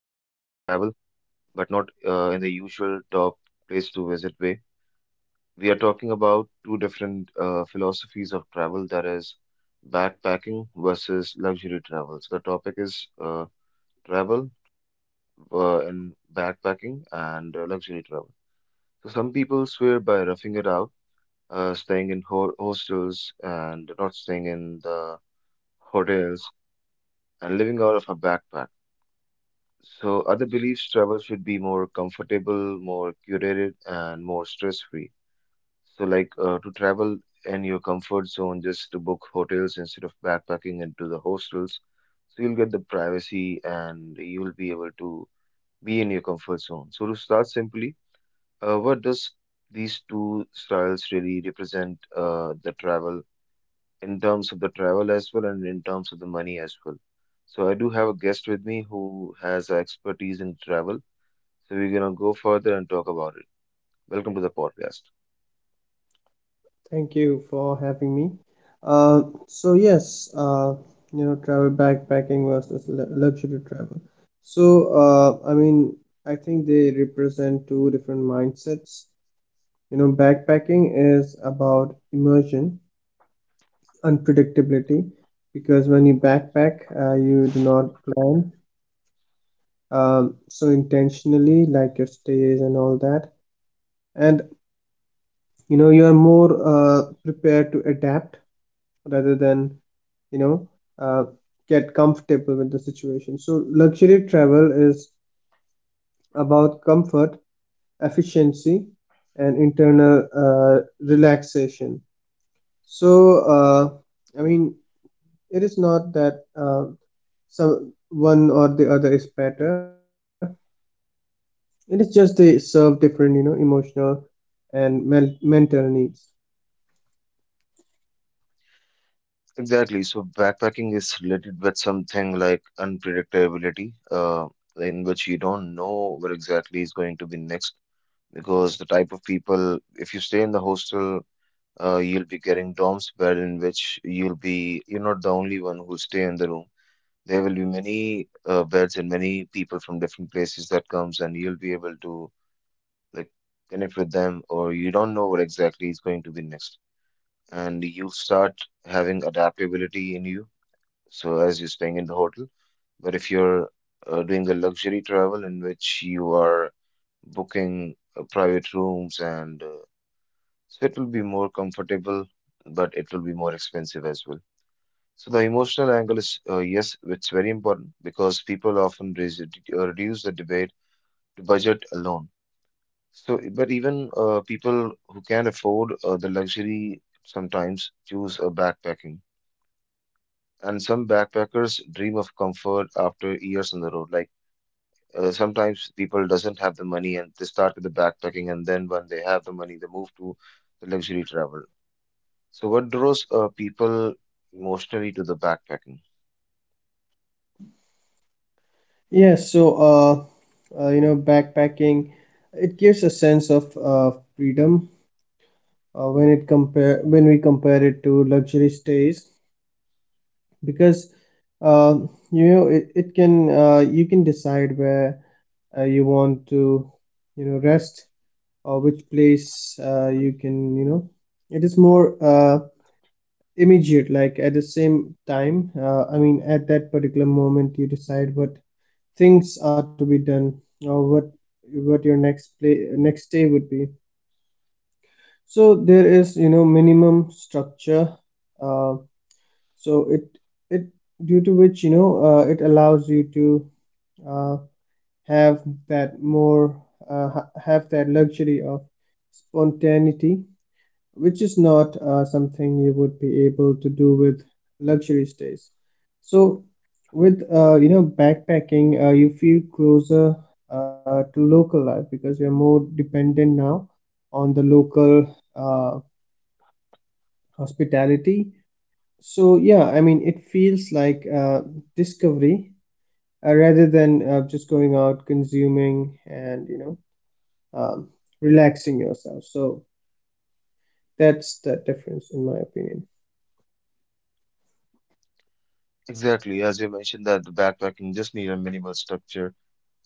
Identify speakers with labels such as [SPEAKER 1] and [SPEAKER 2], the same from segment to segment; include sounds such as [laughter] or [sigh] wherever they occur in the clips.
[SPEAKER 1] travel, but not in the usual top place to visit way. We are talking about two different philosophies of travel, that is, backpacking versus luxury travel. So, the topic is travel and backpacking and luxury travel. So, some people swear by roughing it out, staying in ho hostels and not staying in the hotels and living out of a backpack. So other beliefs travel should be more comfortable, more curated, and more stress-free. So like to travel in your comfort zone, just to book hotels instead of backpacking into the hostels. So you'll get the privacy and you'll be able to be in your comfort zone. So to start simply, what does these two styles really represent the travel in terms of the travel as well and in terms of the money as well? So I do have a guest with me who has expertise in travel so we're gonna go further and talk about it. Welcome to the podcast.
[SPEAKER 2] Thank you for having me. So yes, travel backpacking versus luxury travel. So uh, I mean, I think they represent two different mindsets. You know, backpacking is about immersion, unpredictability, because when you backpack, you do not plan so intentionally, like your stays and all that, and you know, you are more prepared to adapt rather than you know uh, get comfortable with the situation. So luxury travel is about comfort, efficiency, and internal relaxation. So I mean, it is not that some one or the other is better, it is just they serve different, you know, emotional and mental needs.
[SPEAKER 1] Exactly. So backpacking is related with something like unpredictability, in which you don't know where exactly is going to be next. Because the type of people, if you stay in the hostel, you'll be getting dorms bed in which you'll be, you're not the only one who'll stay in the room. There will be many beds and many people from different places that comes, and you'll be able to like connect with them, or you don't know what exactly is going to be next. And you'll start having adaptability in you. So as you're staying in the hotel, but if you're doing a luxury travel in which you are booking private rooms and so it will be more comfortable, but it will be more expensive as well. So the emotional angle is yes, it's very important because people often reduce the debate to budget alone. So, but even people who can afford the luxury sometimes choose a backpacking. And some backpackers dream of comfort after years on the road. Sometimes people doesn't have the money and they start with the backpacking, and then when they have the money, they move to the luxury travel. So what draws people emotionally to the backpacking?
[SPEAKER 2] Yes, so uh, backpacking, it gives a sense of freedom uh, when we compare it to luxury stays, because uh, you know, it can you can decide where you want to, you know, rest, or which place you can, you know, it is more immediate. Like at the same time, I mean, at that particular moment you decide what things are to be done, or what your next play next day would be. So there is, you know, minimum structure, uh, so it due to which, you know, it allows you to uh, have that more have that luxury of spontaneity, which is not something you would be able to do with luxury stays. So with backpacking, you feel closer to local life because you're more dependent now on the local uh, hospitality. So yeah, I mean, it feels like discovery rather than just going out consuming, and um, relaxing yourself. So that's the difference, in my opinion.
[SPEAKER 1] Exactly, as you mentioned that the backpacking just need a minimal structure,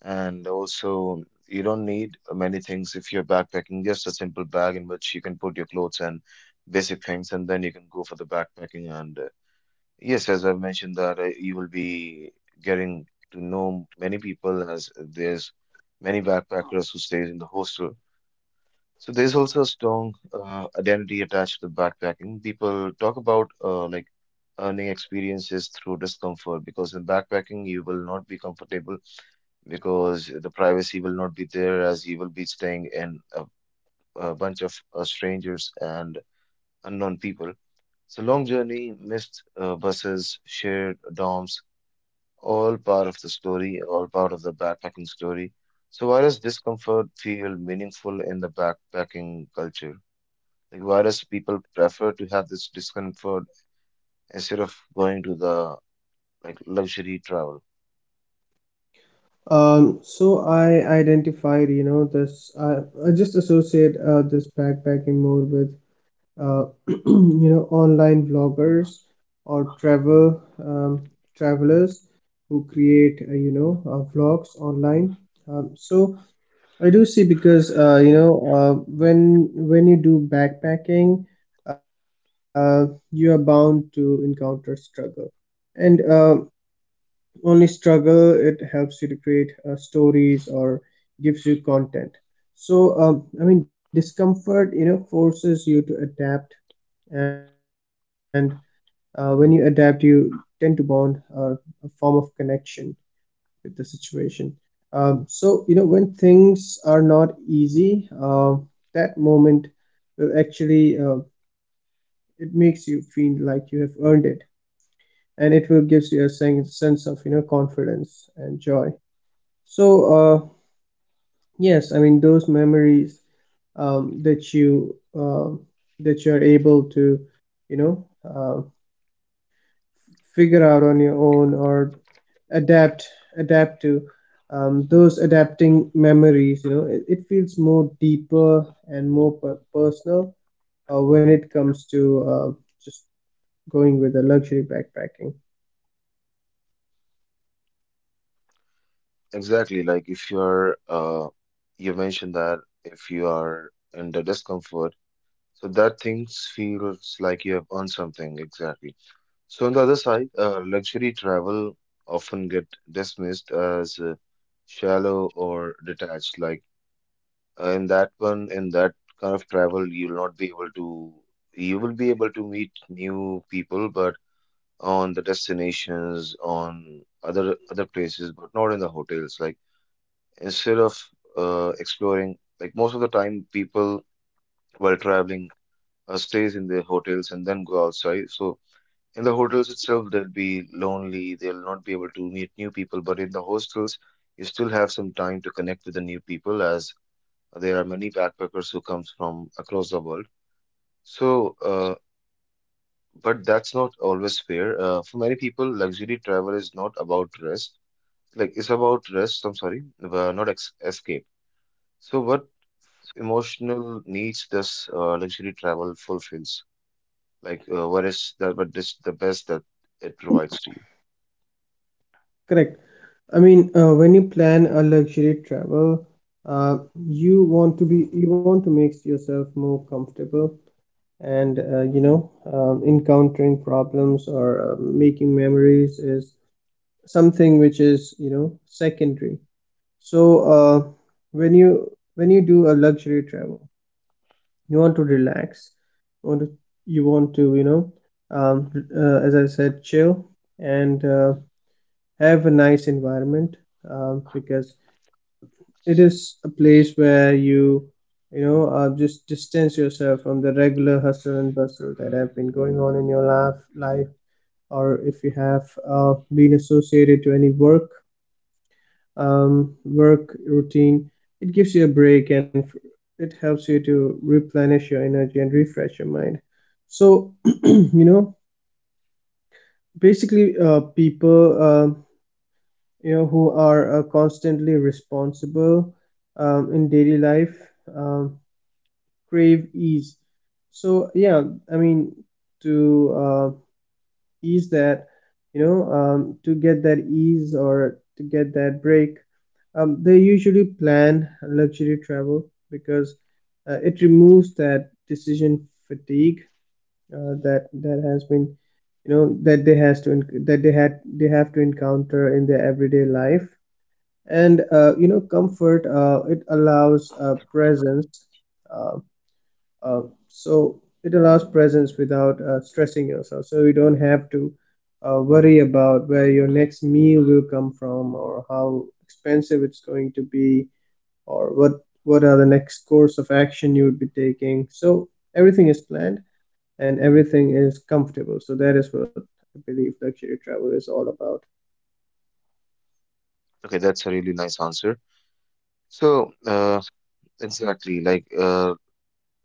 [SPEAKER 1] and also you don't need many things if you're backpacking. Just a simple bag in which you can put your clothes and basic things, and then you can go for the backpacking. And yes, as I mentioned that you will be getting to know many people as there's many backpackers who stays in the hostel. So there's also a strong identity attached to backpacking. People talk about like earning experiences through discomfort because in backpacking you will not be comfortable because the privacy will not be there as you will be staying in a bunch of strangers and unknown people. So long journey, missed buses, shared dorms, all part of the story, all part of the backpacking story. So why does discomfort feel meaningful in the backpacking culture? Like why does people prefer to have this discomfort instead of going to the like luxury travel?
[SPEAKER 2] So I identified, you know, this. I just associate this backpacking more with uh, [clears throat] you know, online vloggers or travel travelers who create vlogs online. So I do see, because when you do backpacking, you are bound to encounter struggle, and only struggle, it helps you to create stories or gives you content. So discomfort, you know, forces you to adapt, and when you adapt, you tend to bond, a form of connection with the situation. So, you know, when things are not easy, that moment will actually, it makes you feel like you have earned it. And it will gives you a sense of, you know, confidence and joy. So, yes, I mean, those memories that you that you're able to, you know, uh, figure out on your own or adapt adapt to, those adapting memories, you know, it feels more deeper and more personal when it comes to just going with a luxury backpacking.
[SPEAKER 1] Exactly, like if you're you mentioned that if you are in the discomfort, so that things feels like you have earned something exactly. So on the other side, luxury travel often get dismissed as shallow or detached. Like in that kind of travel, you'll not be able to, you will be able to meet new people, but on the destinations, on other places, but not in the hotels. Like instead of exploring, like most of the time, people while traveling stays in the hotels and then go outside. So in the hotels itself, they'll be lonely, they'll not be able to meet new people, but in the hostels, you still have some time to connect with the new people as there are many backpackers who comes from across the world. So, but that's not always fair. For many people, luxury travel is not about rest. Like it's about rest, I'm sorry, not ex escape. So what emotional needs does luxury travel fulfills? Like what is that? What is the best that it provides to you?
[SPEAKER 2] Correct, I mean, when you plan a luxury travel, you want to be, you want to make yourself more comfortable, and encountering problems or making memories is something which is, you know, secondary. So when you do a luxury travel, you want to relax. You want to, you want to you know, um, as I said, chill and have a nice environment, because it is a place where you know just distance yourself from the regular hustle and bustle that have been going on in your life, or if you have been associated to any work work routine. It gives you a break and it helps you to replenish your energy and refresh your mind. So, [clears throat] you know, basically, people, who are constantly responsible in daily life um, crave ease. So, yeah, I mean, to ease that to get that ease or to get that break, they usually plan luxury travel because it removes that decision fatigue that has been, you know, that they has to that they have to encounter in their everyday life. And comfort, it allows presence, um, uh, so it allows presence without stressing yourself, so you don't have to worry about where your next meal will come from, or how expensive it's going to be, or what are the next course of action you would be taking. So everything is planned, and everything is comfortable. So that is what I believe luxury travel is all about.
[SPEAKER 1] Okay, that's a really nice answer. So, exactly, like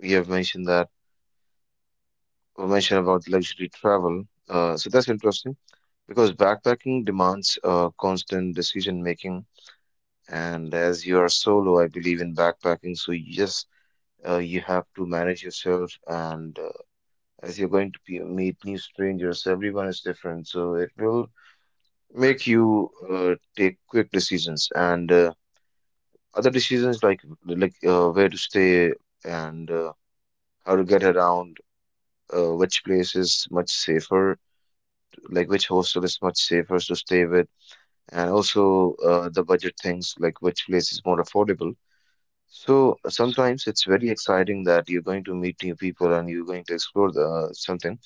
[SPEAKER 1] we have mentioned that we mentioned about luxury travel. So that's interesting because backpacking demands constant decision making, and as you are solo, I believe in backpacking. So yes, you have to manage yourself, and as you're going to be, meet new strangers, everyone is different, so it will make you take quick decisions and other decisions like where to stay and how to get around, which place is much safer, like which hostel is much safer to stay with, and also the budget things, like which place is more affordable. So sometimes it's very exciting that you're going to meet new people and you're going to explore the, something,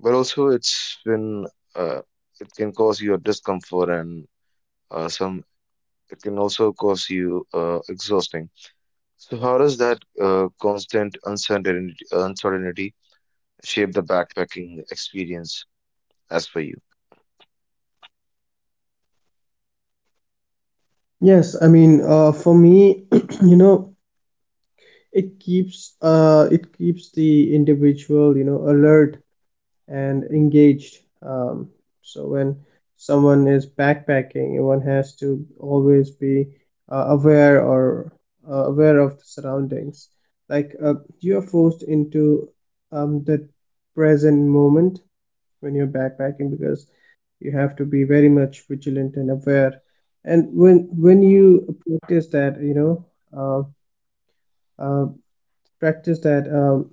[SPEAKER 1] but also it's been uh, it can cause you a discomfort , and some it can also cause you exhausting. So how does that constant uncertainty shape the backpacking experience as for you?
[SPEAKER 2] Yes, I mean, for me [clears throat] you know, it keeps the individual, you know, alert and engaged. So when someone is backpacking, one has to always be uh, aware or aware of the surroundings. Like you are forced into the present moment when you're backpacking, because you have to be very much vigilant and aware. And when you practice that, you know, uh, uh, practice that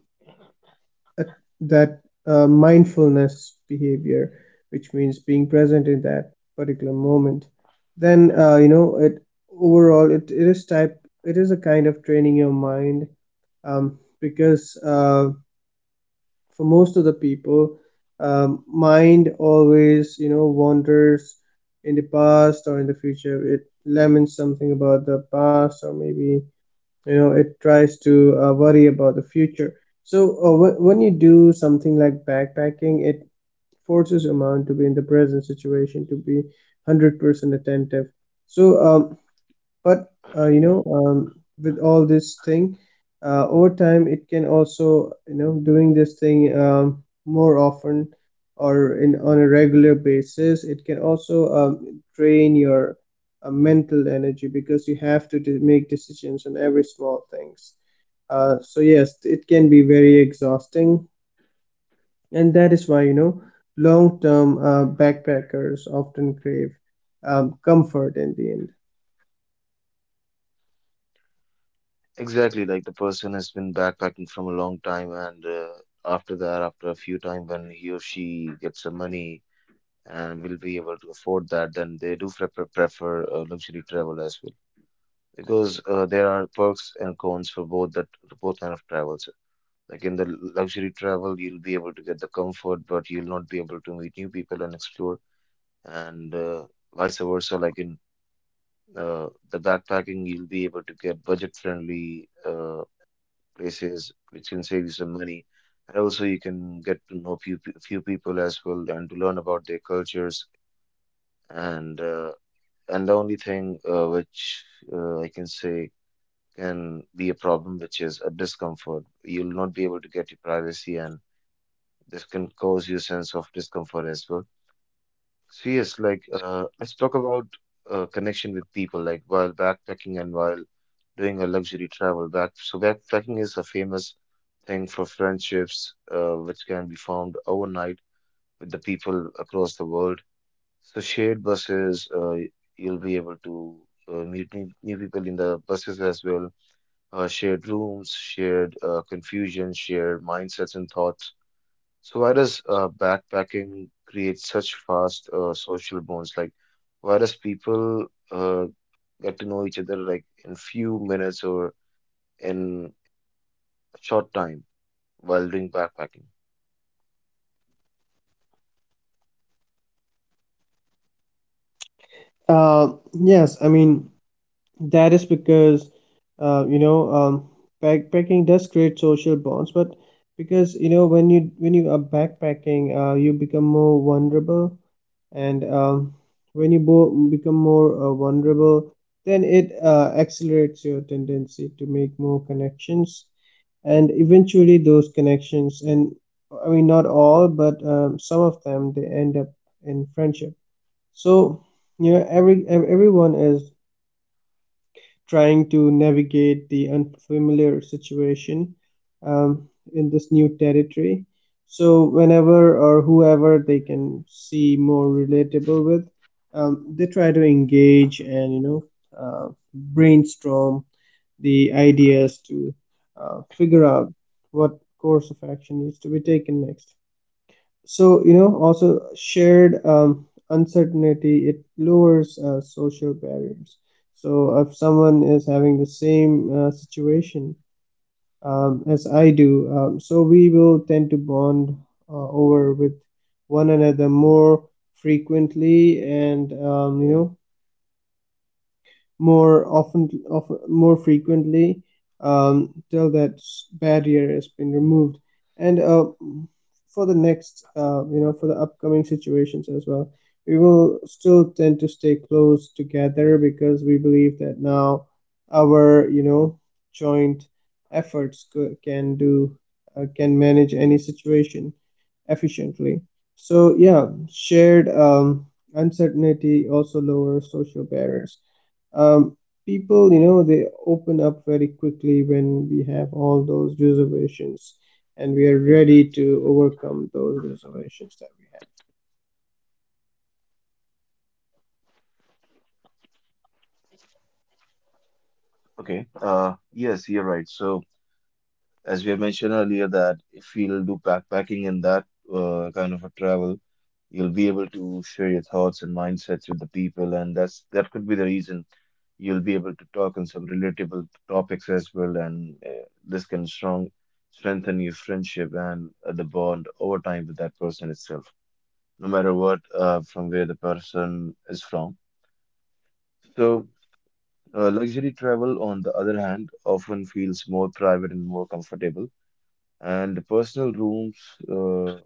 [SPEAKER 2] uh, that mindfulness behavior, which means being present in that particular moment, then you know, it is type it is a kind of training your mind, because for most of the people, mind always, you know, wanders in the past or in the future. It laments something about the past, or maybe, you know, it tries to worry about the future. So when you do something like backpacking, it forces a man to be in the present situation, to be 100% attentive. So but you know, with all this thing, over time, it can also, you know, doing this thing more often or in on a regular basis, it can also drain your mental energy, because you have to make decisions on every small things. So yes, it can be very exhausting, and that is why, you know, long-term backpackers often crave comfort in the end.
[SPEAKER 1] Exactly, like the person has been backpacking from a long time, and after that, after a few time, when he or she gets some money and will be able to afford that, then they do prefer luxury travel as well. Because there are perks and cons for both that both kind of travels. Like in the luxury travel, you'll be able to get the comfort, but you'll not be able to meet new people and explore, and vice versa. Like in the backpacking, you'll be able to get budget-friendly places which can save you some money. And also, you can get to know few people as well and to learn about their cultures. And uh, and the only thing which I can say can be a problem, which is a discomfort. You'll not be able to get your privacy, and this can cause you a sense of discomfort as well. So yes, like let's talk about connection with people. Like while backpacking and while doing a luxury travel, so backpacking is a famous thing for friendships, which can be formed overnight with the people across the world. So shared buses, you'll be able to meet new people in the buses as well. Shared rooms, shared confusion, shared mindsets and thoughts. So why does backpacking create such fast social bonds? Like, why does people get to know each other like in few minutes or in a short time while doing backpacking?
[SPEAKER 2] Yes, I mean, that is because, uh, you know, um, backpacking does create social bonds, but because, you know, when you are backpacking, you become more vulnerable, and when you become more vulnerable, then it accelerates your tendency to make more connections, and eventually those connections, and I mean not all, but some of them, they end up in friendship. So you know, everyone is trying to navigate the unfamiliar situation in this new territory. So, whenever or whoever they can see more relatable with, they try to engage, and you know, brainstorm the ideas to figure out what course of action needs to be taken next. So you know, also shared uncertainty, it lowers social barriers. So if someone is having the same situation, as I do, so we will tend to bond over with one another more frequently, and you know, more often of more frequently, till that barrier has been removed, and for the next for the upcoming situations as well, we will still tend to stay close together, because we believe that now our, you know, joint efforts can do, can manage any situation efficiently. So yeah, shared uncertainty also lowers social barriers. um, People, you know, they open up very quickly when we have all those reservations, and we are ready to overcome those reservations that we have.
[SPEAKER 1] Okay. Yes, you're right. So as we have mentioned earlier, that if you'll do backpacking and that kind of a travel, you'll be able to share your thoughts and mindsets with the people, and that could be the reason you'll be able to talk on some relatable topics as well, and this can strong strengthen your friendship and the bond over time with that person itself, no matter what from where the person is from. So, luxury travel, on the other hand, often feels more private and more comfortable and personal rooms, uh,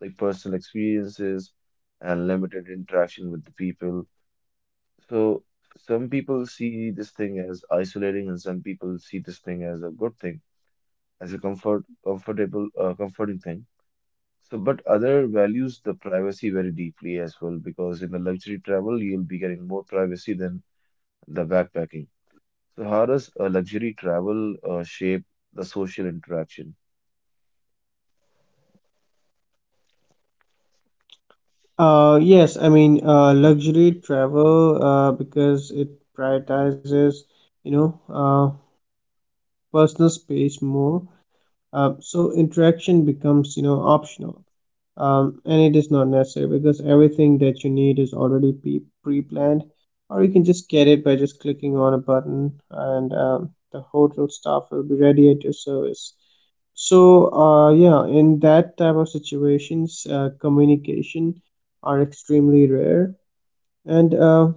[SPEAKER 1] like personal experiences and limited interaction with the people. So some people see this thing as isolating, and some people see this thing as a good thing, as a comforting thing. So, but other values the privacy very deeply as well, because in the luxury travel, you'll be getting more privacy than the backpacking. So, how does luxury travel shape the social interaction?
[SPEAKER 2] Yes, I mean, luxury travel, because it prioritizes, you know, uh, personal space more, so interaction becomes, you know, optional, and it is not necessary, because everything that you need is already pre-planned, or you can just get it by just clicking on a button, and the hotel staff will be ready at your service. So yeah, in that type of situations, communication are extremely rare, and uh,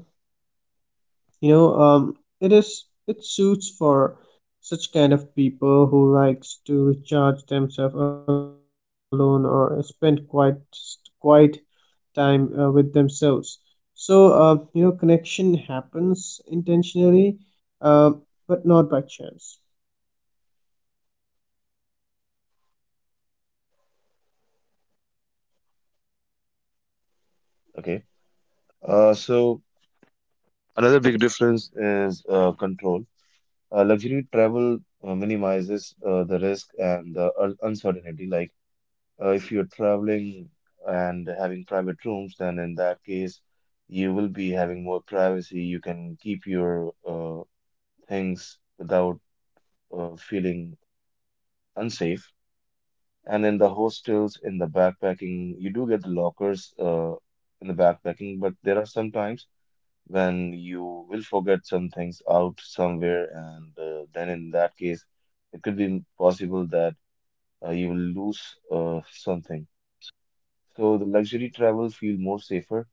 [SPEAKER 2] you know, um, it is, it suits for such kind of people who likes to recharge themselves alone, or spend quite time with themselves. So, you know, connection happens intentionally, uh, but not by chance.
[SPEAKER 1] Okay. So, another big difference is control. Luxury travel minimizes the risk and the uncertainty. Like if you're traveling and having private rooms, then in that case, you will be having more privacy. You can keep your things without feeling unsafe. And in the hostels, in the backpacking, you do get the lockers in the backpacking, but there are sometimes when you will forget some things out somewhere, and then in that case, it could be possible that you will lose something. So the luxury travel feel more safer,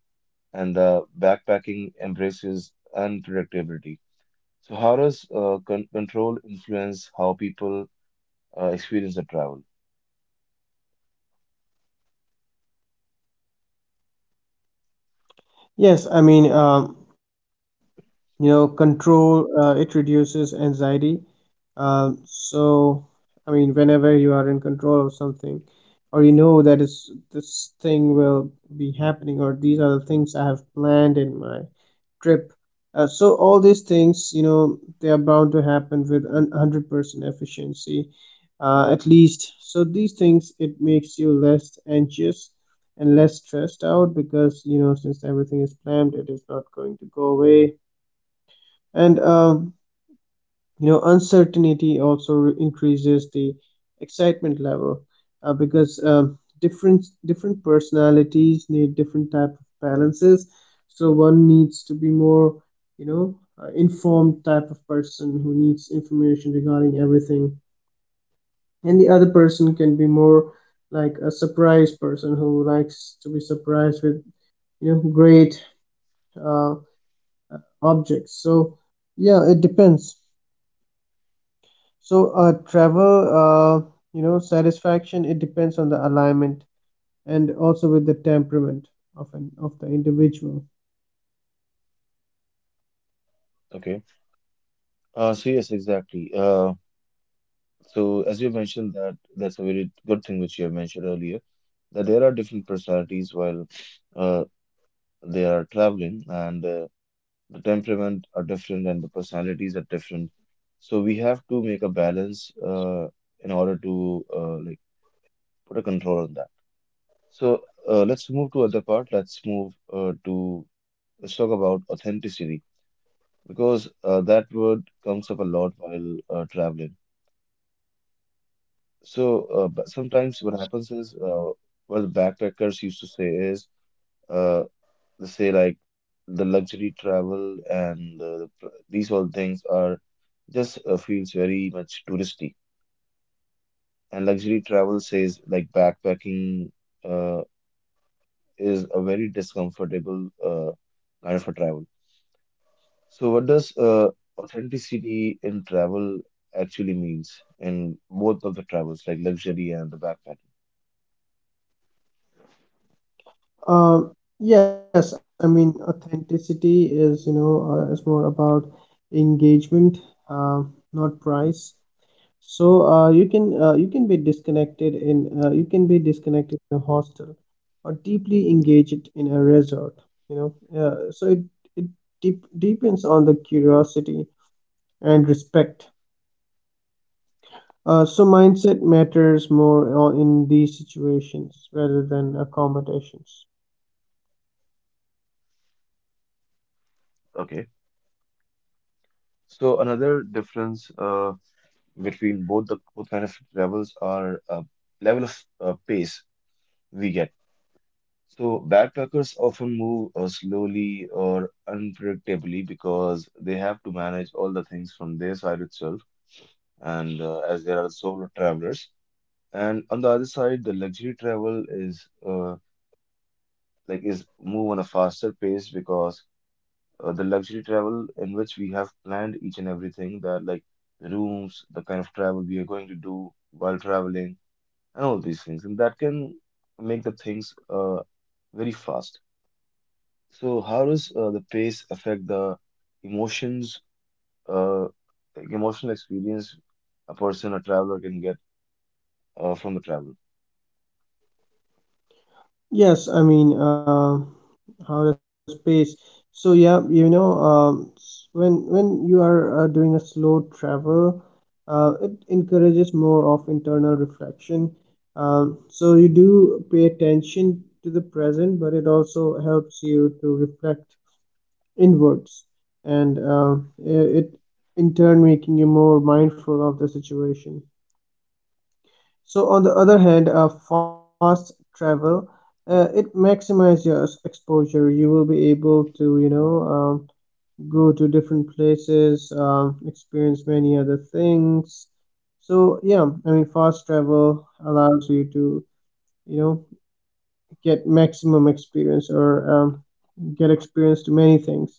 [SPEAKER 1] and the backpacking embraces unpredictability. So how does control influence how people experience the travel?
[SPEAKER 2] Yes, I mean, control, it reduces anxiety. So, I mean, whenever you are in control of something, or you know that this thing will be happening, or these are the things I have planned in my trip. So all these things, you know, they are bound to happen with an 100% efficiency, at least. So these things, it makes you less anxious and less stressed out, because, you know, since everything is planned, it is not going to go away. And uncertainty also increases the excitement level, because different personalities need different type of balances. So one needs to be more, you know informed type of person who needs information regarding everything, and the other person can be more like a surprise person who likes to be surprised with, great, uh, objects. So yeah, it depends. So, travel, satisfaction, it depends on the alignment and also with the temperament of an of the individual.
[SPEAKER 1] Okay. So yes, exactly. So as you mentioned, that that's a very good thing which you have mentioned earlier, that there are different personalities while uh, they are traveling, and the temperament are different and the personalities are different, so we have to make a balance in order to like put a control on that. So let's move to other part, let's move to let's talk about authenticity, because that word comes up a lot while traveling. So but sometimes what happens is, what the backpackers used to say is, uh, let's say like the luxury travel and the, these all things are just feels very much touristy. And luxury travel says like backpacking uh, is a very discomfortable kind of a travel. So what does authenticity in travel actually means in both of the travels, like luxury and the backpacking?
[SPEAKER 2] Uh, yes, I mean, authenticity is, is more about engagement, uh, not price. So, you can be disconnected in a hostel or deeply engaged in a resort, you know. It Depends on the curiosity and respect. So mindset matters more in these situations rather than accommodations.
[SPEAKER 1] Okay. So another difference between both kind of travels are level of pace we get. So backpackers often move slowly or unpredictably, because they have to manage all the things from their side itself, and as there are solo travelers. And on the other side, the luxury travel is like is move on a faster pace, because the luxury travel in which we have planned each and everything, that like the rooms, the kind of travel we are going to do while traveling, and all these things, and that can make the things very fast. So how does the pace affect the emotions, uh, like emotional experience a person, a traveler can get from the travel?
[SPEAKER 2] Yes, I mean, how does pace? So yeah, when you are doing a slow travel, it encourages more of internal reflection. So you do pay attention to the present, but it also helps you to reflect inwards, and it in turn making you more mindful of the situation. So on the other hand, fast travel, it maximizes your exposure. You will be able to, um, go to different places, experience many other things. So yeah, I mean fast travel allows you to, you know get maximum experience, or get experience to many things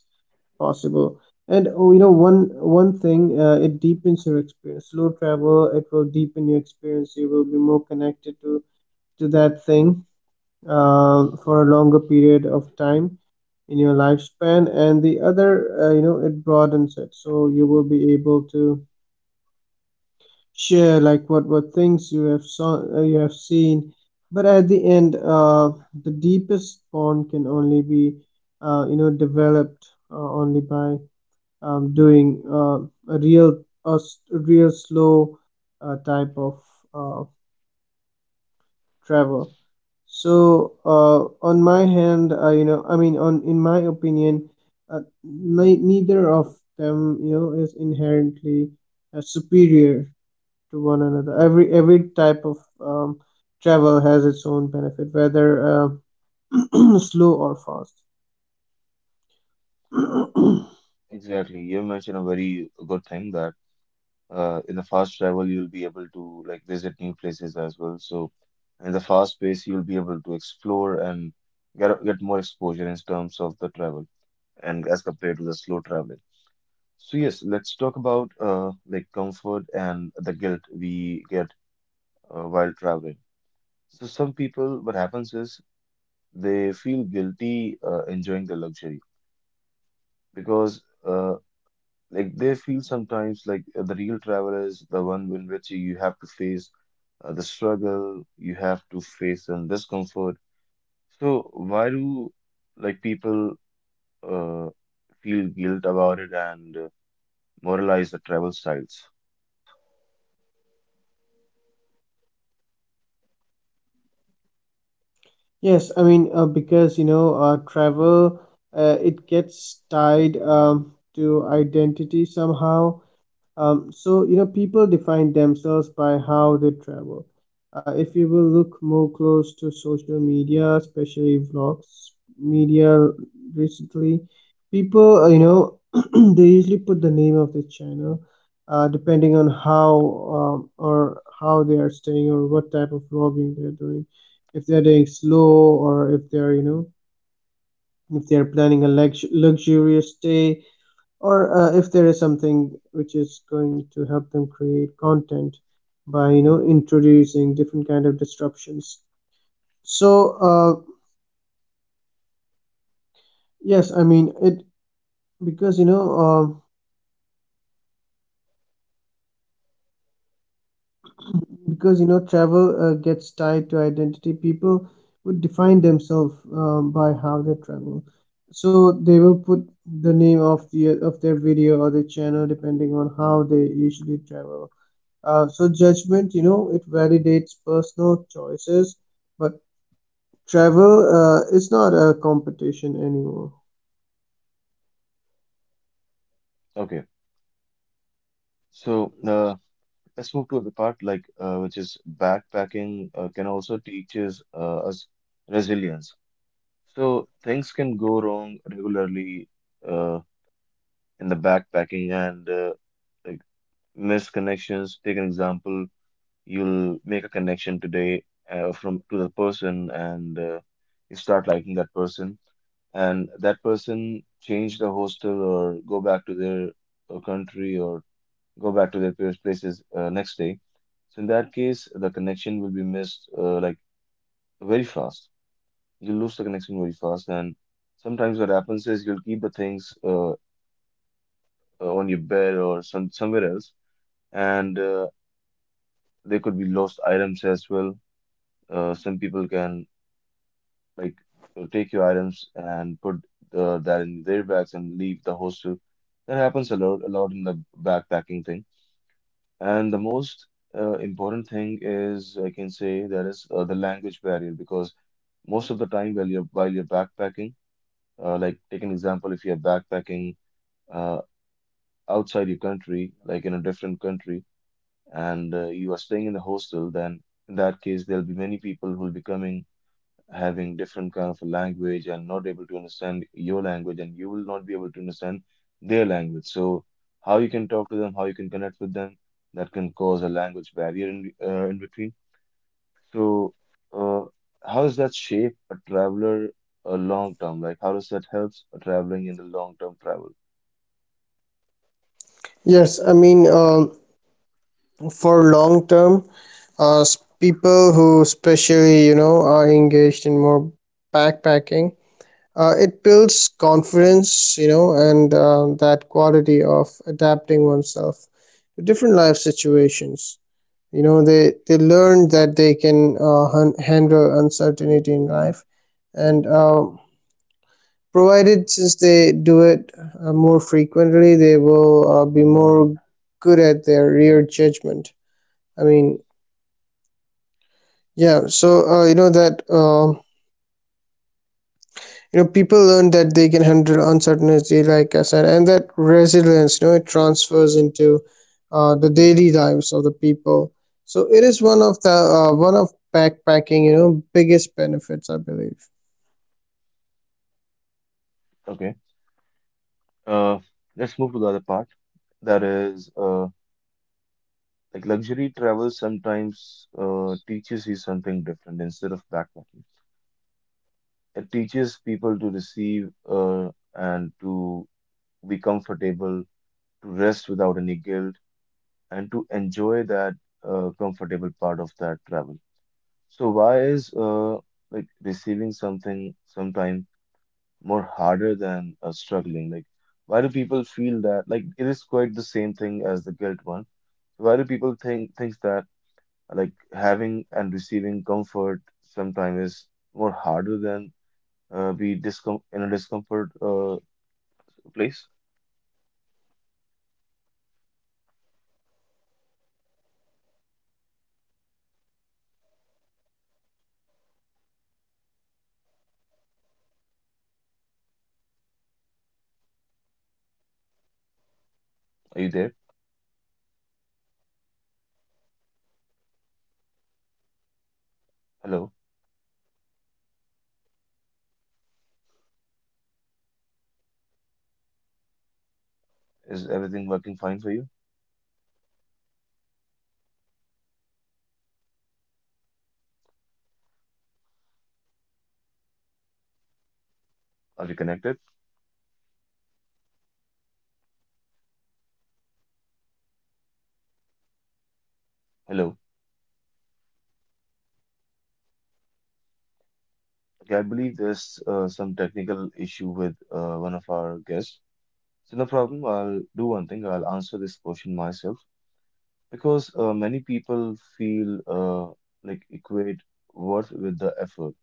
[SPEAKER 2] possible. And one thing, it deepens your experience. Slow travel, it will deepen your experience. You will be more connected to that thing for a longer period of time in your lifespan. And the other, it broadens it, so you will be able to share like what things you have saw you have seen. But at the end, the deepest bond can only be, developed, only by, doing, a real slow type of uh, travel. So on my hand you know I mean on in my opinion, neither of them, you know, is inherently superior to one another. Every type of travel has its own benefit, whether uh, [clears throat] slow or fast. [clears throat]
[SPEAKER 1] Exactly. You mentioned a very good thing, that in the fast travel you'll be able to like visit new places as well. So in the fast pace you'll be able to explore and get more exposure in terms of the travel, and as compared to the slow traveling. So yes, let's talk about like comfort and the guilt we get while traveling. So some people, what happens is they feel guilty enjoying the luxury, because like they feel sometimes like the real travel is the one in which you have to face the struggle, you have to face some discomfort. So why do like people uh, feel guilt about it, and moralize the travel styles?
[SPEAKER 2] Yes, I mean, because travel, it gets tied, to identity somehow. So, you know, people define themselves by how they travel. If you will look more close to social media, especially vlogs media recently, people, [clears throat] they usually put the name of the channel depending on how, or how they are staying, or what type of vlogging they're doing. If they're doing slow, or if they're, you know, if they're planning a luxurious stay, or if there is something which is going to help them create content by, you know, introducing different kind of disruptions. So uh, yes I mean it because you know uh, because you know travel gets tied to identity. People would define themselves, by how they travel, so they will put the name of their video or the channel depending on how they usually travel. So judgment, you know, it validates personal choices, but travel, it's not a competition anymore.
[SPEAKER 1] Okay, so let's move to the part like which is backpacking can also teaches us resilience. So things can go wrong regularly uh, in the backpacking, and like missed connections. Take an example, you'll make a connection today from to the person, and you start liking that person, and that person change the hostel or go back to their country, or go back to their parents' places next day. So in that case, the connection will be missed, like very fast. You lose the connection very fast. And sometimes what happens is you'll keep the things on your bed or somewhere else, and they could be lost items as well. Some people can like take your items and put that in their bags and leave the hostel. That happens a lot in the backpacking thing. And the most important thing is, I can say, that is the language barrier, because most of the time while you're backpacking, like take an example, if you're backpacking uh, outside your country, like in a different country, and you are staying in the hostel, then in that case, there'll be many people who will be coming having different kind of a language, and not able to understand your language, and you will not be able to understand their language. So how you can talk to them, how you can connect with them, that can cause a language barrier in between. So, uh, how does that shape a traveler a long term? Like, how does that helps a traveling in the long term travel?
[SPEAKER 2] Yes, I mean, for long term, people who, especially, you know, are engaged in more backpacking, it builds confidence, you know, and that quality of adapting oneself to different life situations. You know, they learn that they can handle uncertainty in life, and provided since they do it more frequently, they will be more good at their rear judgment. I mean yeah so you know that you know People learn that they can handle uncertainty, like I said, and that resilience, you know, it transfers into the daily lives of the people. So it is one of the one of backpacking, you know, biggest benefits I believe.
[SPEAKER 1] Okay. Uh, let's move to the other part. That is, like luxury travel sometimes teaches you something different instead of backpacking. It teaches people to receive and to be comfortable, to rest without any guilt, and to enjoy that comfortable part of that travel. So why is like receiving something sometime more harder than struggling? Like why do people feel that, like it is quite the same thing as the guilt one? Why do people think thinks that, like having and receiving comfort sometimes is more harder than be discom in a discomfort place? Are you there? Hello. Is everything working fine for you? Are we connected? Hello. Okay, I believe there's some technical issue with one of our guests. So no problem. I'll do one thing. I'll answer this question myself, because many people feel like equate worth with the effort,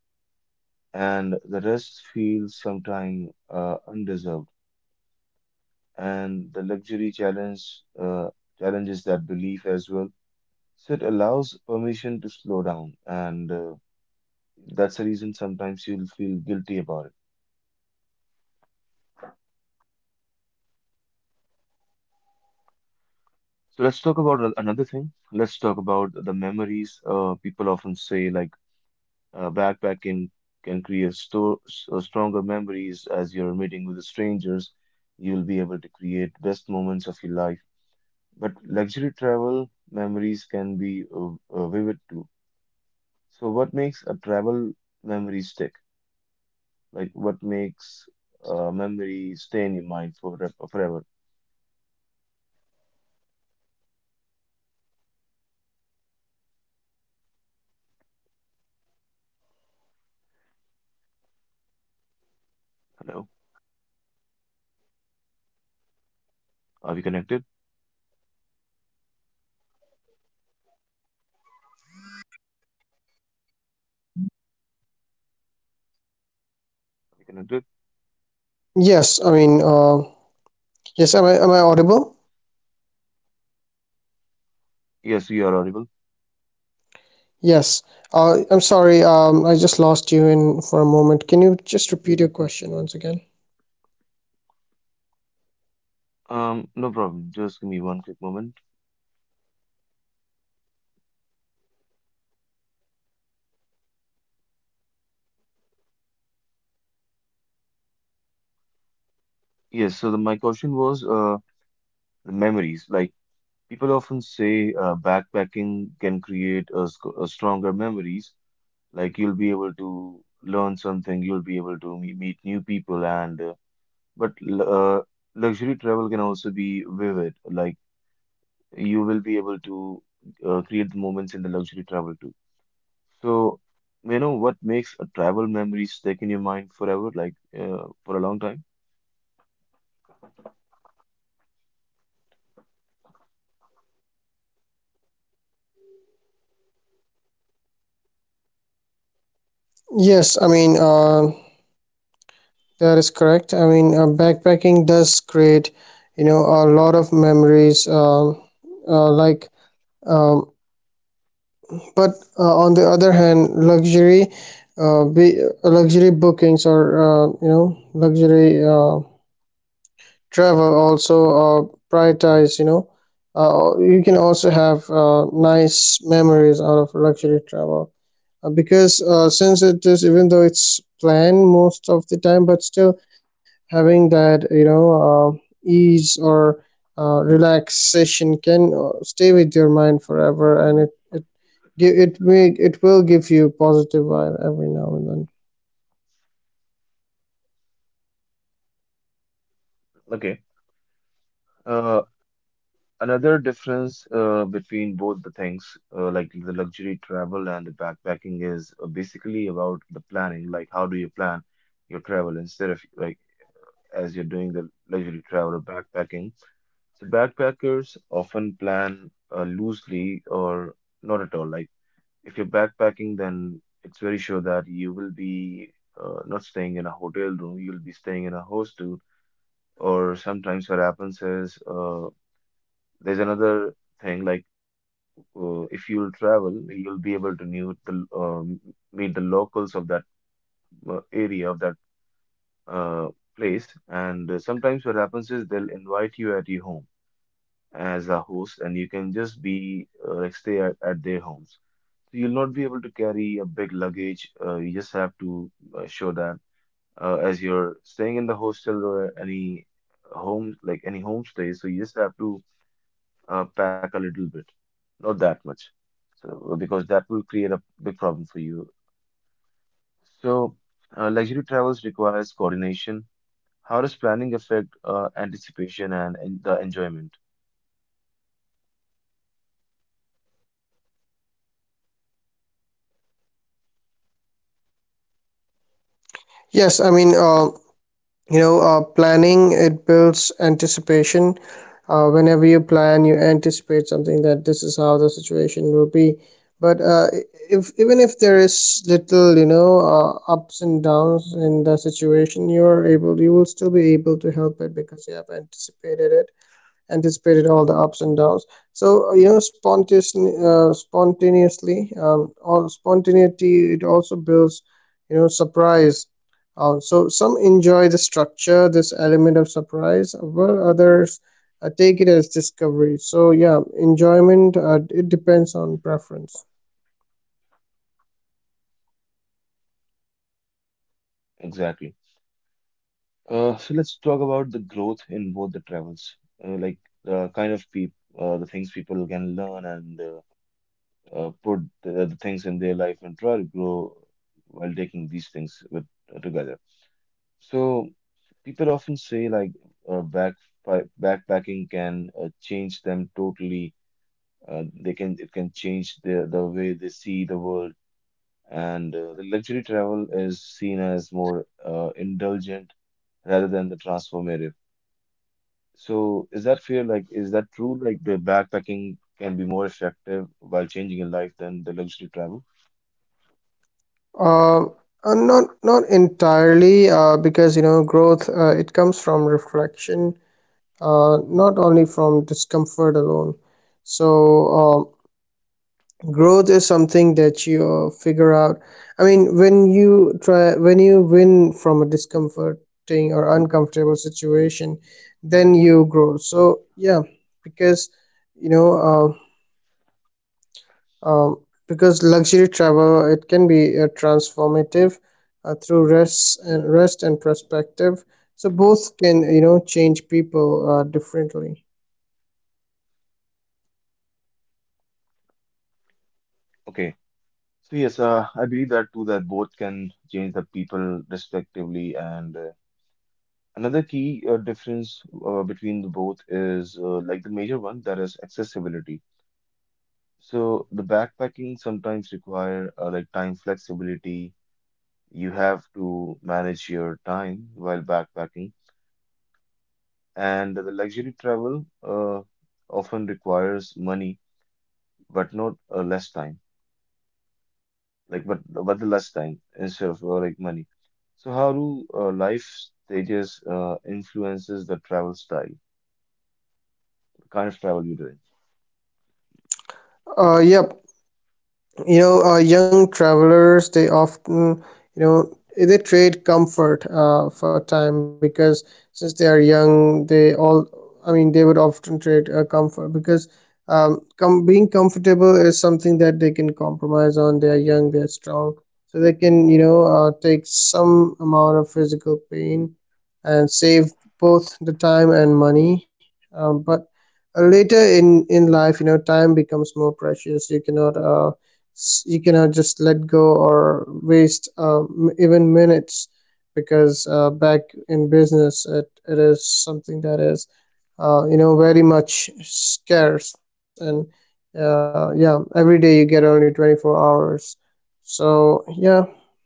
[SPEAKER 1] and the rest feels sometimes undeserved, and the luxury challenge challenges that belief as well. So it allows permission to slow down, and that's the reason sometimes you'll feel guilty about it. So let's talk about another thing. Let's talk about the memories. People often say like backpacking can create stronger memories, as you're meeting with the strangers. You'll be able to create best moments of your life. But luxury travel memories can be vivid too. So what makes a travel memory stick? Like what makes a memory stay in your mind forever, forever? Hello, are we connected?
[SPEAKER 3] Connected?
[SPEAKER 2] yes i mean uh, yes, am am I audible?
[SPEAKER 3] Yes, you are audible.
[SPEAKER 2] Yes. I'm sorry, I just lost you in for a moment. Can you just repeat your question once again?
[SPEAKER 3] No problem. Just give me one quick moment. Yes, so my question was the memories. Like people often say backpacking can create a, a stronger memories. Like you'll be able to learn something, you'll be able to meet new people and but l- uh, luxury travel can also be vivid. Like you will be able to create the moments in the luxury travel too. So, you know what makes a travel memory stick in your mind forever, like for a long time?
[SPEAKER 2] Yes, I mean, that is correct. I mean, backpacking does create, you know, a lot of memories. Uh, like, um, but on the other hand, luxury, luxury bookings, or luxury travel also prioritize, you know, you can also have nice memories out of luxury travel, because since it is, even though it's planned most of the time, but still having that, ease or relaxation can stay with your mind forever, and it gi- it may, it will give you positive vibe every now and then.
[SPEAKER 3] Okay. Uh, Another difference between both the things, like the luxury travel and the backpacking, is basically about the planning. Like, how do you plan your travel instead of like as you're doing the luxury travel or backpacking? So, backpackers often plan loosely or not at all. Like if you're backpacking, then it's very sure that you will be not staying in a hotel room, you'll be staying in a hostel. Or sometimes what happens is there's another thing like if you'll travel, you'll be able to meet meet the locals of that area, of that uh, place. And sometimes what happens is they'll invite you at your home as a host, and you can just be like stay at their homes. So you'll not be able to carry a big luggage. You just have to show that as you're staying in the hostel or any home, like any homestay. So you just have to pack a little bit, not that much. So because that will create a big problem for you. So luxury travels requires coordination. How does planning affect anticipation and the enjoyment?
[SPEAKER 2] yes i mean uh, Planning, it builds anticipation. Whenever you plan, you anticipate something, that this is how the situation will be. But if, even if there is little, ups and downs in the situation, you are able you will still be able to help it, because you have anticipated all the ups and downs. So, you know, spontaneously spontaneously all spontaneity, it also builds, you know, surprise. So some enjoy the structure, this element of surprise, while others take it as discovery. So yeah, enjoyment, it depends on preference.
[SPEAKER 3] Exactly. So let's talk about the growth in both the travels, like the kind of people, the things people can learn and put the things in their life and try to grow while taking these things with together. So people often say like uh, back backpacking can change them totally. They can it can change the way they see the world, and the luxury travel is seen as more indulgent rather than the transformative. So is that fair? Like, is that true? Like the backpacking can be more effective while changing your life than the luxury travel?
[SPEAKER 2] uh, Not not entirely, because, you know, growth, it comes from reflection, not only from discomfort alone. So um, growth is something that you figure out. I mean, when you try, when you win from a discomforting or uncomfortable situation, then you grow. So yeah, because, you know, uh, um, because luxury travel, it can be transformative through rest and perspective. So both can, you know, change people differently.
[SPEAKER 3] Okay. So yes, I believe that too, that both can change the people respectively. And another key difference between the both is like the major one that is accessibility. So the backpacking sometimes require like time flexibility. You have to manage your time while backpacking. And the luxury travel often requires money, but not less time. Like, but the less time instead of like money. So how do life stages influences the travel style, the kind of travel you're doing?
[SPEAKER 2] Yep. Young travelers, they often, they trade comfort for time, because since they are young, they all I mean they would often trade comfort, because being comfortable is something that they can compromise on. They are young, they are strong, so they can, take some amount of physical pain and save both the time and money. But later in life, you know, time becomes more precious. You cannot you cannot just let go or waste, even minutes, because back in business, it is something that is, very much scarce, and yeah, every day you get only 24 hours. So yeah, I mean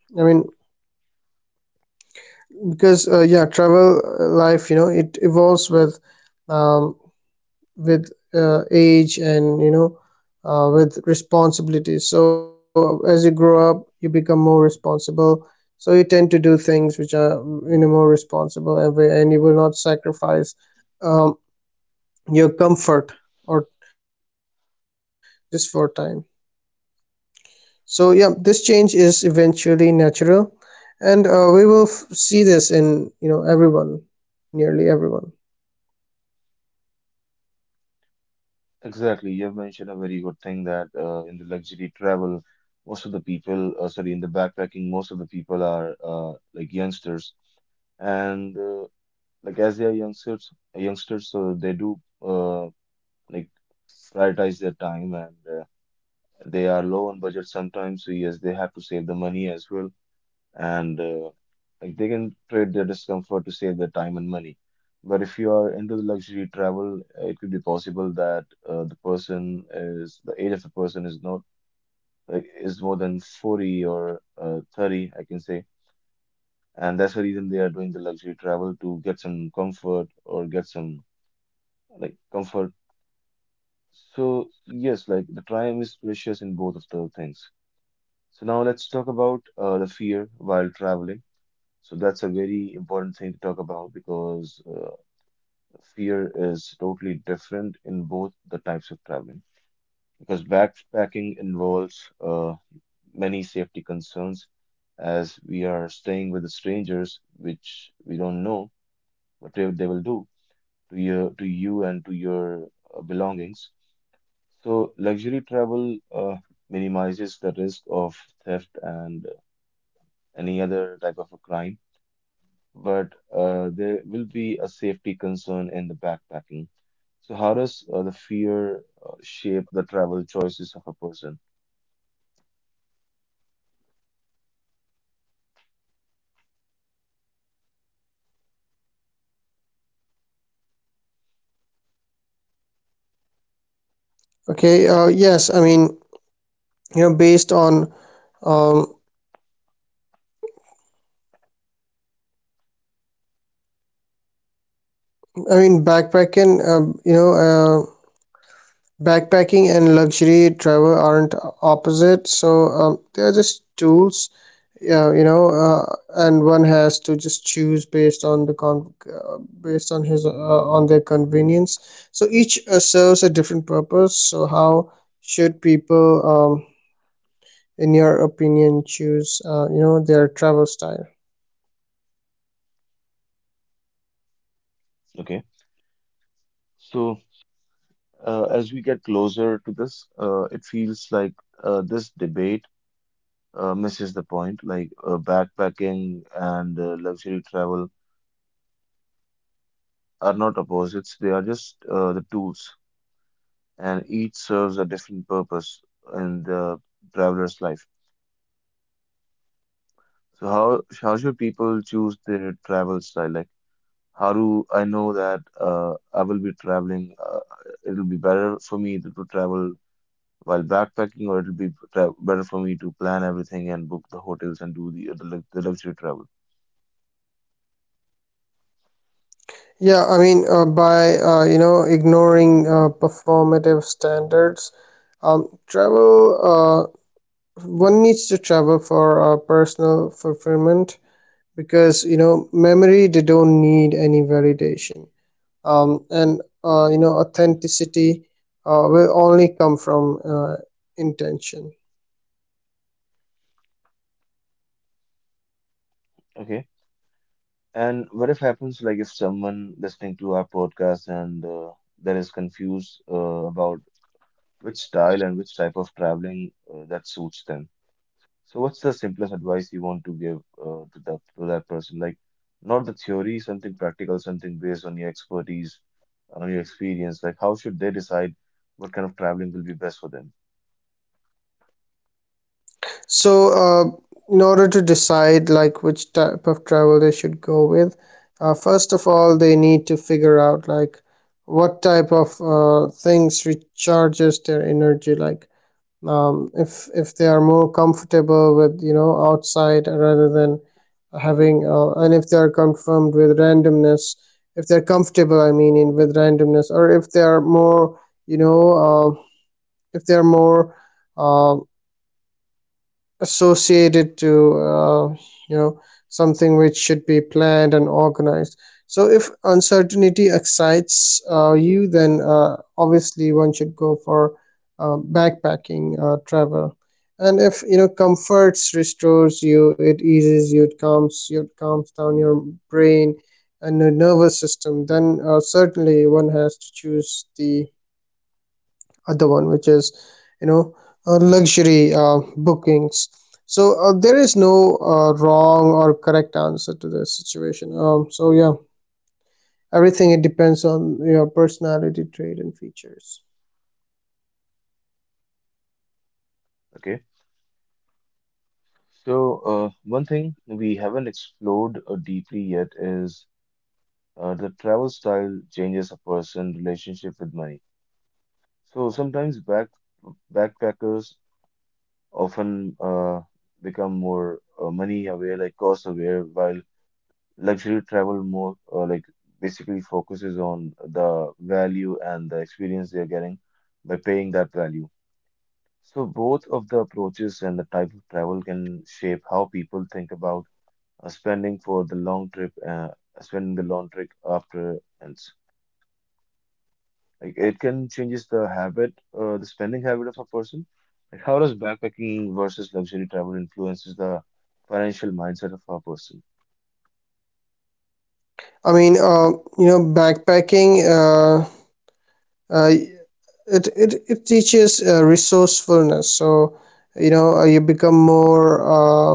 [SPEAKER 2] because yeah, travel, life, you know, it evolves with, um, age, and, you know, with responsibilities. So as you grow up, you become more responsible, so you tend to do things which are in a more responsible way, and you will not sacrifice, um, your comfort, or just for time. So yeah, this change is eventually natural, and see this in, you know, everyone, nearly everyone.
[SPEAKER 3] Exactly, you've mentioned a very good thing that in the luxury travel, most of the people, sorry, in the backpacking, most of the people are like youngsters, and like as they are youngsters, so they do uh, like prioritize their time and they are low on budget sometimes, so yes they have to save the money as well, and like they can trade their discomfort to save their time and money. But if you are into the luxury travel, it could be possible that the age of the person is not like is more than 40 or 30, I can say, and that's the reason they are doing the luxury travel to get some comfort or get some like comfort. So yes, like the time is precious in both of the things. So now let's talk about the fear while traveling. So that's a very important thing to talk about because fear is totally different in both the types of traveling. Because backpacking involves many safety concerns as we are staying with the strangers, which we don't know what they will do to you and to your belongings. So luxury travel minimizes the risk of theft and any other type of a crime, but there will be a safety concern in the backpacking. So, how does the fear shape the travel choices of a person?
[SPEAKER 2] okay uh, yes i mean Based on, um, I mean, backpacking, backpacking and luxury travel aren't opposite. So they're just tools, yeah, you know, and one has to just choose based on based on on their convenience. So each serves a different purpose. So how should people, um, in your opinion, choose, their travel style?
[SPEAKER 3] Okay, so as we get closer to this, it feels like this debate misses the point. Like backpacking and luxury travel are not opposites; they are just the tools, and each serves a different purpose in the traveler's life. So, how should people choose their travel style? Like how do I know that I will be traveling? It'll be better for me to travel while backpacking, or it'll be tra better for me to plan everything and book the hotels and do the luxury travel.
[SPEAKER 2] Yeah, I mean, by you know, ignoring performative standards, travel, one needs to travel for personal fulfillment, because, you know, memory, they don't need any validation, and you know, authenticity will only come from intention.
[SPEAKER 3] Okay. And what if happens like if someone listening to our podcast and that is confused about which style and which type of traveling that suits them? So, what's the simplest advice you want to give to that person? Like, not the theory, something practical, something based on your expertise, on your experience. Like, how should they decide what kind of traveling will be best for them?
[SPEAKER 2] So, in order to decide like which type of travel they should go with, first of all, they need to figure out like what type of things recharges their energy. Like, if they are more comfortable with outside rather than having, and if they are confirmed with randomness, if they're comfortable, I mean, in with randomness, or if they are more, you know, uh, if they are more uh, associated to you know something which should be planned and organized. So if uncertainty excites you, then obviously one should go for backpacking travel. And if you know comforts restores you, it eases you, it calms you, it calms down your brain and the nervous system, then certainly one has to choose the other one, which is you know luxury bookings. So there is no wrong or correct answer to this situation, so yeah, everything, it depends on your personality trait and features.
[SPEAKER 3] Okay. So, one thing we haven't explored deeply yet is the travel style changes a person' relationship with money. So sometimes backpackers often become more money aware, like cost aware, while luxury travel more like basically focuses on the value and the experience they're getting by paying that value. So both of the approaches and the type of travel can shape how people think about spending for the long trip, spending the long trip after ends. Like it can changes the habit, the spending habit of a person. Like how does backpacking versus luxury travel influences the financial mindset of a person?
[SPEAKER 2] I mean, you know, backpacking, uh, it teaches resourcefulness. So you know, you become more uh,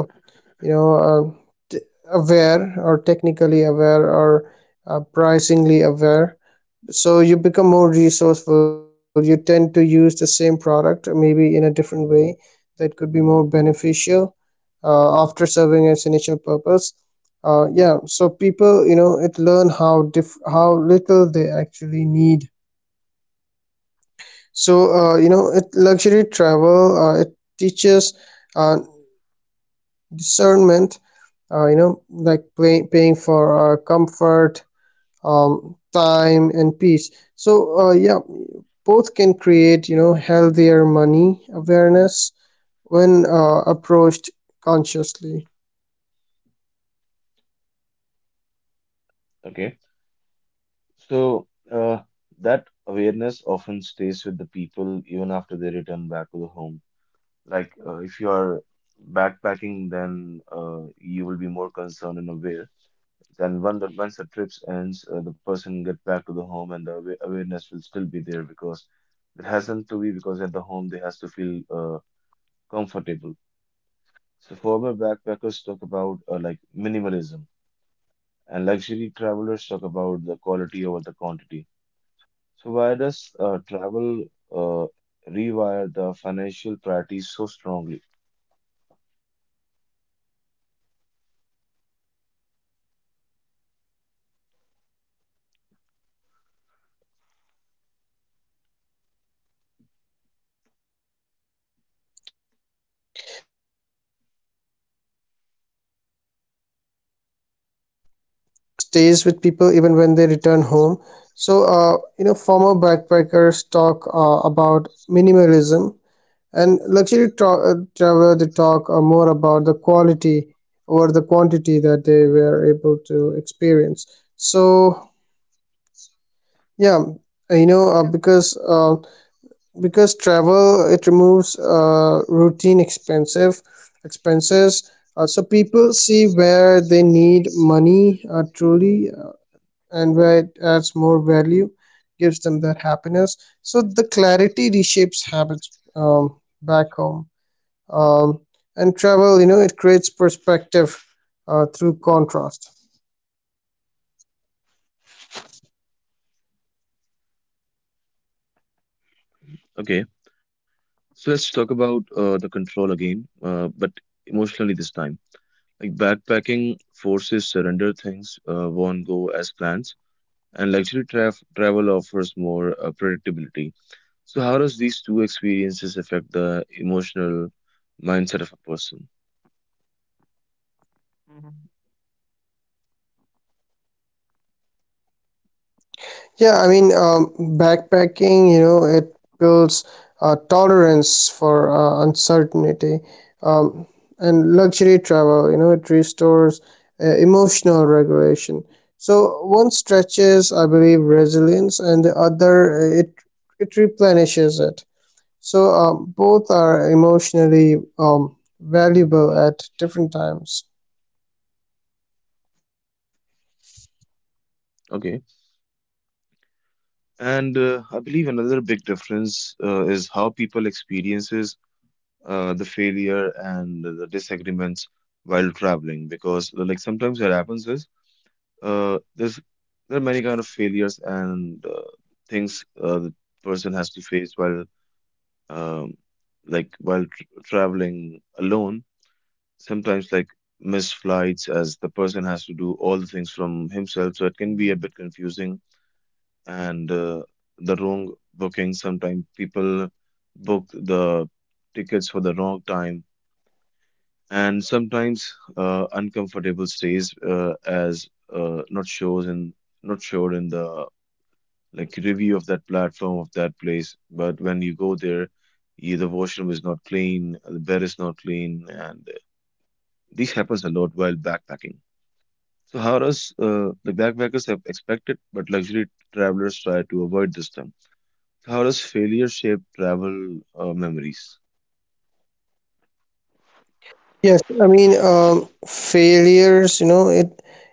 [SPEAKER 2] you know, aware, or technically aware, or pricingly aware. So you become more resourceful, you tend to use the same product maybe in a different way that could be more beneficial after serving its initial purpose. Yeah, so people, you know, it learn how how little they actually need. So you know, it luxury travel, it teaches uh, discernment, you know, like paying for comfort, time and peace. So yeah, both can create you know healthier money awareness when approached consciously.
[SPEAKER 3] Okay. So, that awareness often stays with the people even after they return back to the home. Like, if you are backpacking, then you will be more concerned and aware. Then, when once the trip ends, the person get back to the home, and the awareness will still be there because it hasn't to be because at the home they has to feel comfortable. So, former backpackers talk about like minimalism, and luxury travelers talk about the quality over the quantity. So why does travel uh, rewire the financial priorities so strongly?
[SPEAKER 2] Okay. Yep, so because you know, the awareness often stays with people even when they return home. So you know, former backpackers talk about minimalism, and luxury travel, they talk more about the quality or the quantity that they were able to experience. So yeah, you know, because travel, it removes routine expensive expenses. So people see where they need money truly, and where it adds more value, gives them that happiness. So the clarity reshapes habits back home, um, and travel, you know, it creates perspective through contrast.
[SPEAKER 4] Okay, so let's talk about the control again, but emotionally this time. Like backpacking forces surrender things won't go as planned, and luxury traf travel offers more predictability. So how does these two experiences affect the emotional mindset of a person?
[SPEAKER 2] Yeah, I mean, backpacking, you know, it builds tolerance for uncertainty, um, and luxury travel, you know, it restores emotional regulation. So one stretches, I believe, resilience, and the other, it it replenishes it. So both are emotionally valuable at different times.
[SPEAKER 4] Okay, and I believe another big difference is how people experiences the failure and the disagreements while traveling, because like sometimes what happens is uh, there's there are many kind of failures and things the person has to face while um, like while tr traveling alone. Sometimes like missed flights, as the person has to do all the things from himself, so it can be a bit confusing. And the wrong booking. Sometimes people book the tickets for the wrong time. And sometimes uncomfortable stays as not sure in the like review of that platform of that place, but when you go there, yeah, the washroom is not clean, the bed is not clean, and this happens a lot while backpacking. So how does the backpackers have expected, but luxury travelers try to avoid this term. How does failure shape travel memories?
[SPEAKER 2] Yes, I mean, failures, you know, it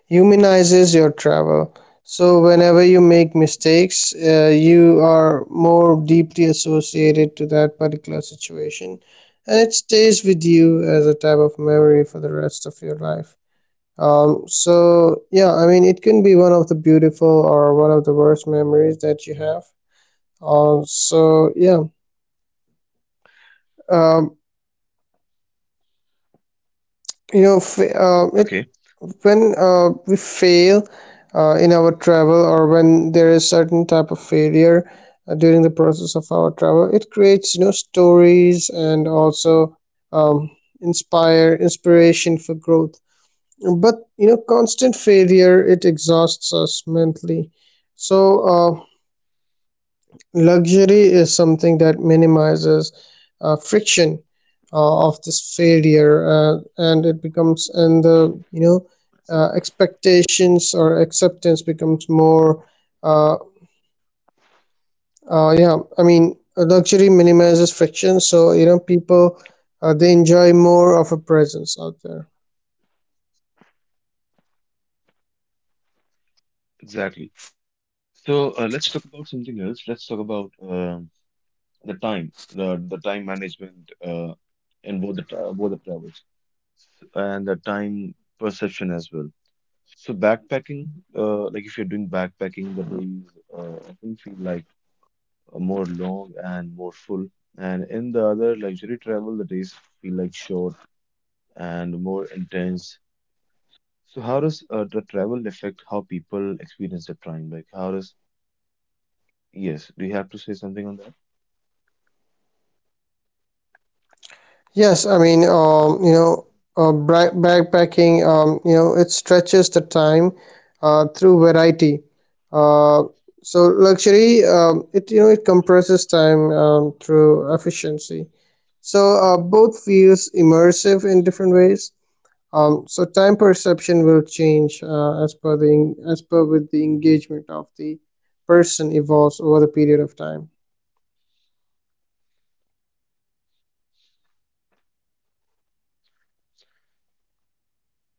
[SPEAKER 2] humanizes your travel. So whenever you make mistakes, you are more deeply associated to that particular situation, and it stays with you as a type of memory for the rest of your life. So yeah, I mean, it can be one of the beautiful or one of the worst memories that you have. So yeah, um, you know, it
[SPEAKER 4] Okay.
[SPEAKER 2] when we fail in our travel, or when there is certain type of failure during the process of our travel, it creates you know stories, and also um, inspire inspiration for growth. But you know, constant failure, it exhausts us mentally. So luxury is something that minimizes friction of this failure, and it becomes, and the you know, expectations or acceptance becomes more. Uh, yeah, I mean, luxury minimizes friction, so you know, people they enjoy more of a presence out there.
[SPEAKER 4] Exactly. So let's talk about something else. Let's talk about the time, the time management in both the both the travels, and the time perception as well. So backpacking, like if you're doing backpacking, the days often feel like more long and more full. And in the other luxury travel, the days feel like short and more intense. So how does the travel affect how people experience the time? Like how does, yes, do you have to say something on that?
[SPEAKER 2] Yes, I mean, you know, backpacking, you know, it stretches the time through variety. Uh, so luxury, it you know, it compresses time through efficiency. So both feels immersive in different ways. So time perception will change as per with the engagement of the person evolves over the period of time.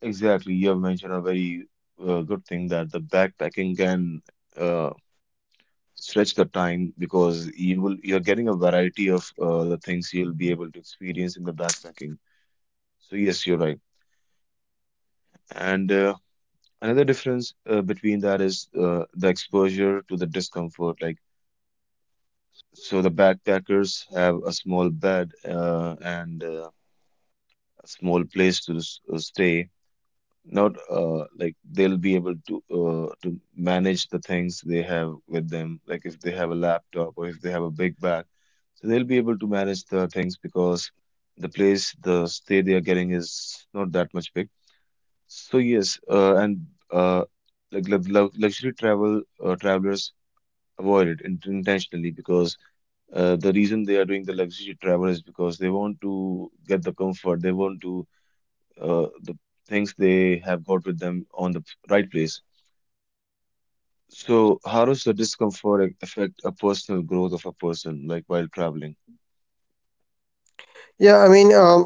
[SPEAKER 4] Exactly. You have mentioned a very good thing, that the backpacking can uh, stretch the time, because you're getting a variety of the things you'll be able to experience in the backpacking. So yes, you're right. And another difference between that is the exposure to the discomfort. Like so, the backpackers have a small bed and a small place to stay. Not like they'll be able to manage the things they have with them. Like if they have a laptop or if they have a big bag, so they'll be able to manage the things because the place, the stay they are getting is not that much big. So yes, and uh, like luxury travel travelers avoid it intentionally, because the reason they are doing the luxury travel is because they want to get the comfort, they want to the things they have got with them on the right place. So how does the discomfort affect a personal growth of a person like while traveling?
[SPEAKER 2] Yeah, I mean,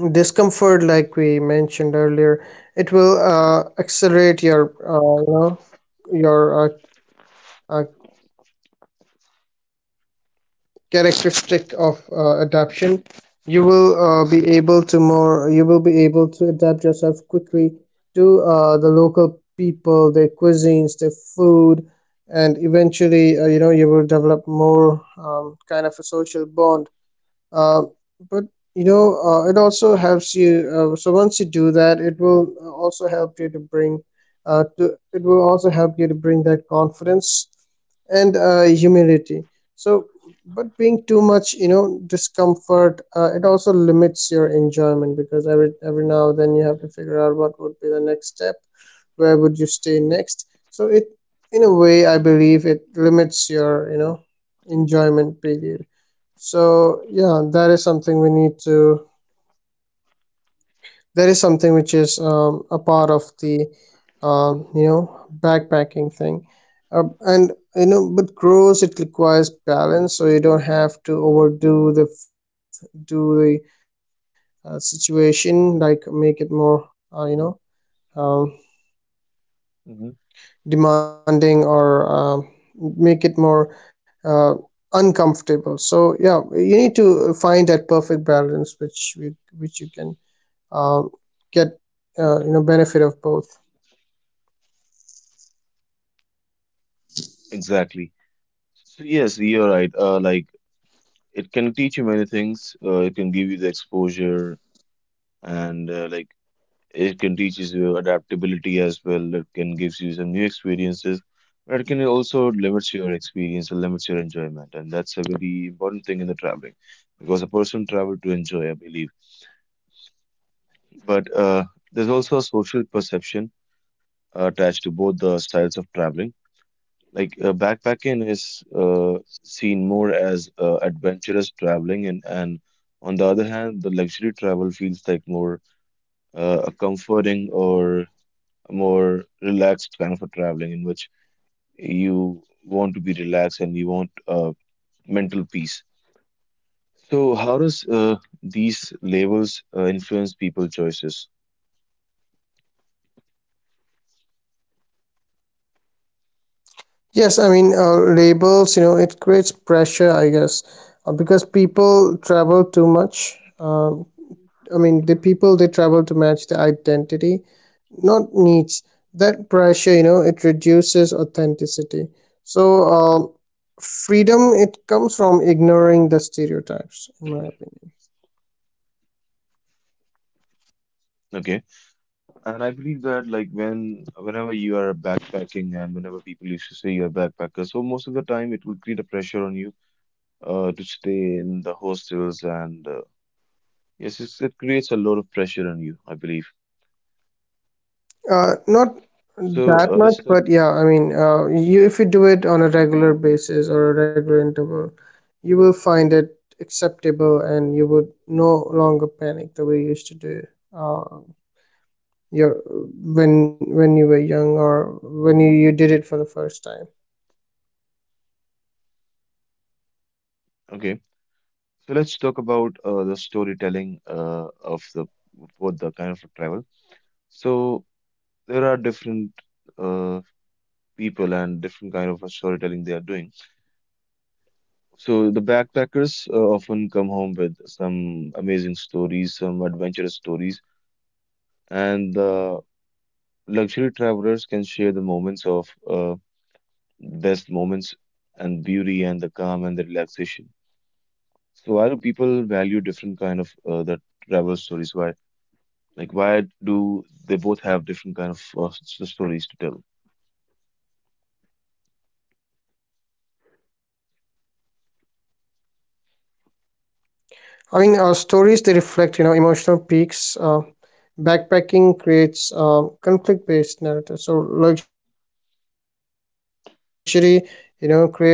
[SPEAKER 2] discomfort, like we mentioned earlier, it will accelerate your you know, your uh, characteristic of adaption. You will be able to more you will be able to adapt yourself quickly to the local people, their cuisines, their food, and eventually you know, you will develop more kind of a social bond, uh, but you know, it also helps you, so once you do that, it will also help you to bring it will also help you to bring that confidence and humility. So but being too much you know discomfort, it also limits your enjoyment, because every now and then you have to figure out what would be the next step, where would you stay next. So it, in a way, I believe it limits your you know enjoyment period. So yeah, that is something which is a part of the you know backpacking thing, and you know, but grows, it requires balance, so you don't have to overdo the f- do the situation, like make it more you know, um,
[SPEAKER 4] Hmm.
[SPEAKER 2] demanding, or make it more uh, uncomfortable. So yeah, you need to find that perfect balance which which you can um, get you know benefit of both.
[SPEAKER 4] Exactly. So yes, you're right. Like it can teach you many things. It can give you the exposure and like it can teaches you adaptability as well. It can gives you some new experiences, but it can also limits your experience and limits your enjoyment. And that's a very important thing in the traveling, because a person travel to enjoy, I believe. But there's also a social perception attached to both the styles of traveling. Like backpacking is seen more as adventurous traveling, and on the other hand, the luxury travel feels like more a comforting or a more relaxed kind of a traveling, in which you want to be relaxed and you want mental peace. So how does these labels influence people's choices?
[SPEAKER 2] Yes, I mean, labels, you know, it creates pressure, I guess, because people travel too much. I mean, the people they travel to match the identity, not needs. That pressure, you know, it reduces authenticity. So, freedom, it comes from ignoring the stereotypes, in my opinion.
[SPEAKER 4] Okay, and I believe that like whenever you are backpacking and whenever people used to say you're a backpacker, so most of the time it will create a pressure on you to stay in the hostels and yes, it creates a lot of pressure on you, I believe.
[SPEAKER 2] Not that
[SPEAKER 4] So
[SPEAKER 2] much,
[SPEAKER 4] let's
[SPEAKER 2] but
[SPEAKER 4] talk.
[SPEAKER 2] yeah, I mean, you if you do it on a regular basis or a regular interval, you will find it acceptable, and you would no longer panic the way you used to do. Uh, your when you were young, or when you did it for the first time.
[SPEAKER 4] Okay. So let's talk about the storytelling of the both the kind of travel. So there are different uh, people and different kind of storytelling they are doing. So the backpackers often come home with some amazing stories, some adventurous stories, and the luxury travelers can share the moments of best moments and beauty and the calm and the relaxation. So why do people value different kind of the travel stories? Why? Like, why do they both have different kind of stories to tell?
[SPEAKER 2] I mean, stories, they reflect, you know, emotional peaks. Backpacking creates conflict-based narrative. So luxury, you know, creates sensory memories. Both are meaningful in different ways.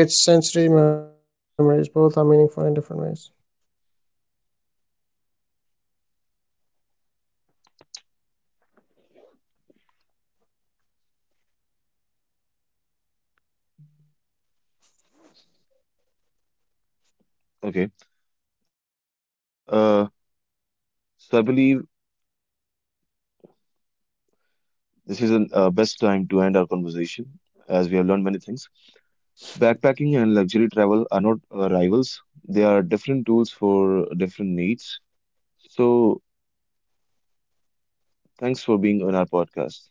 [SPEAKER 4] Okay. Uh, so I believe this is the best time to end our conversation, as we have learned many things. So backpacking and luxury travel are not rivals. They are different tools for different needs. So thanks for being on our podcast.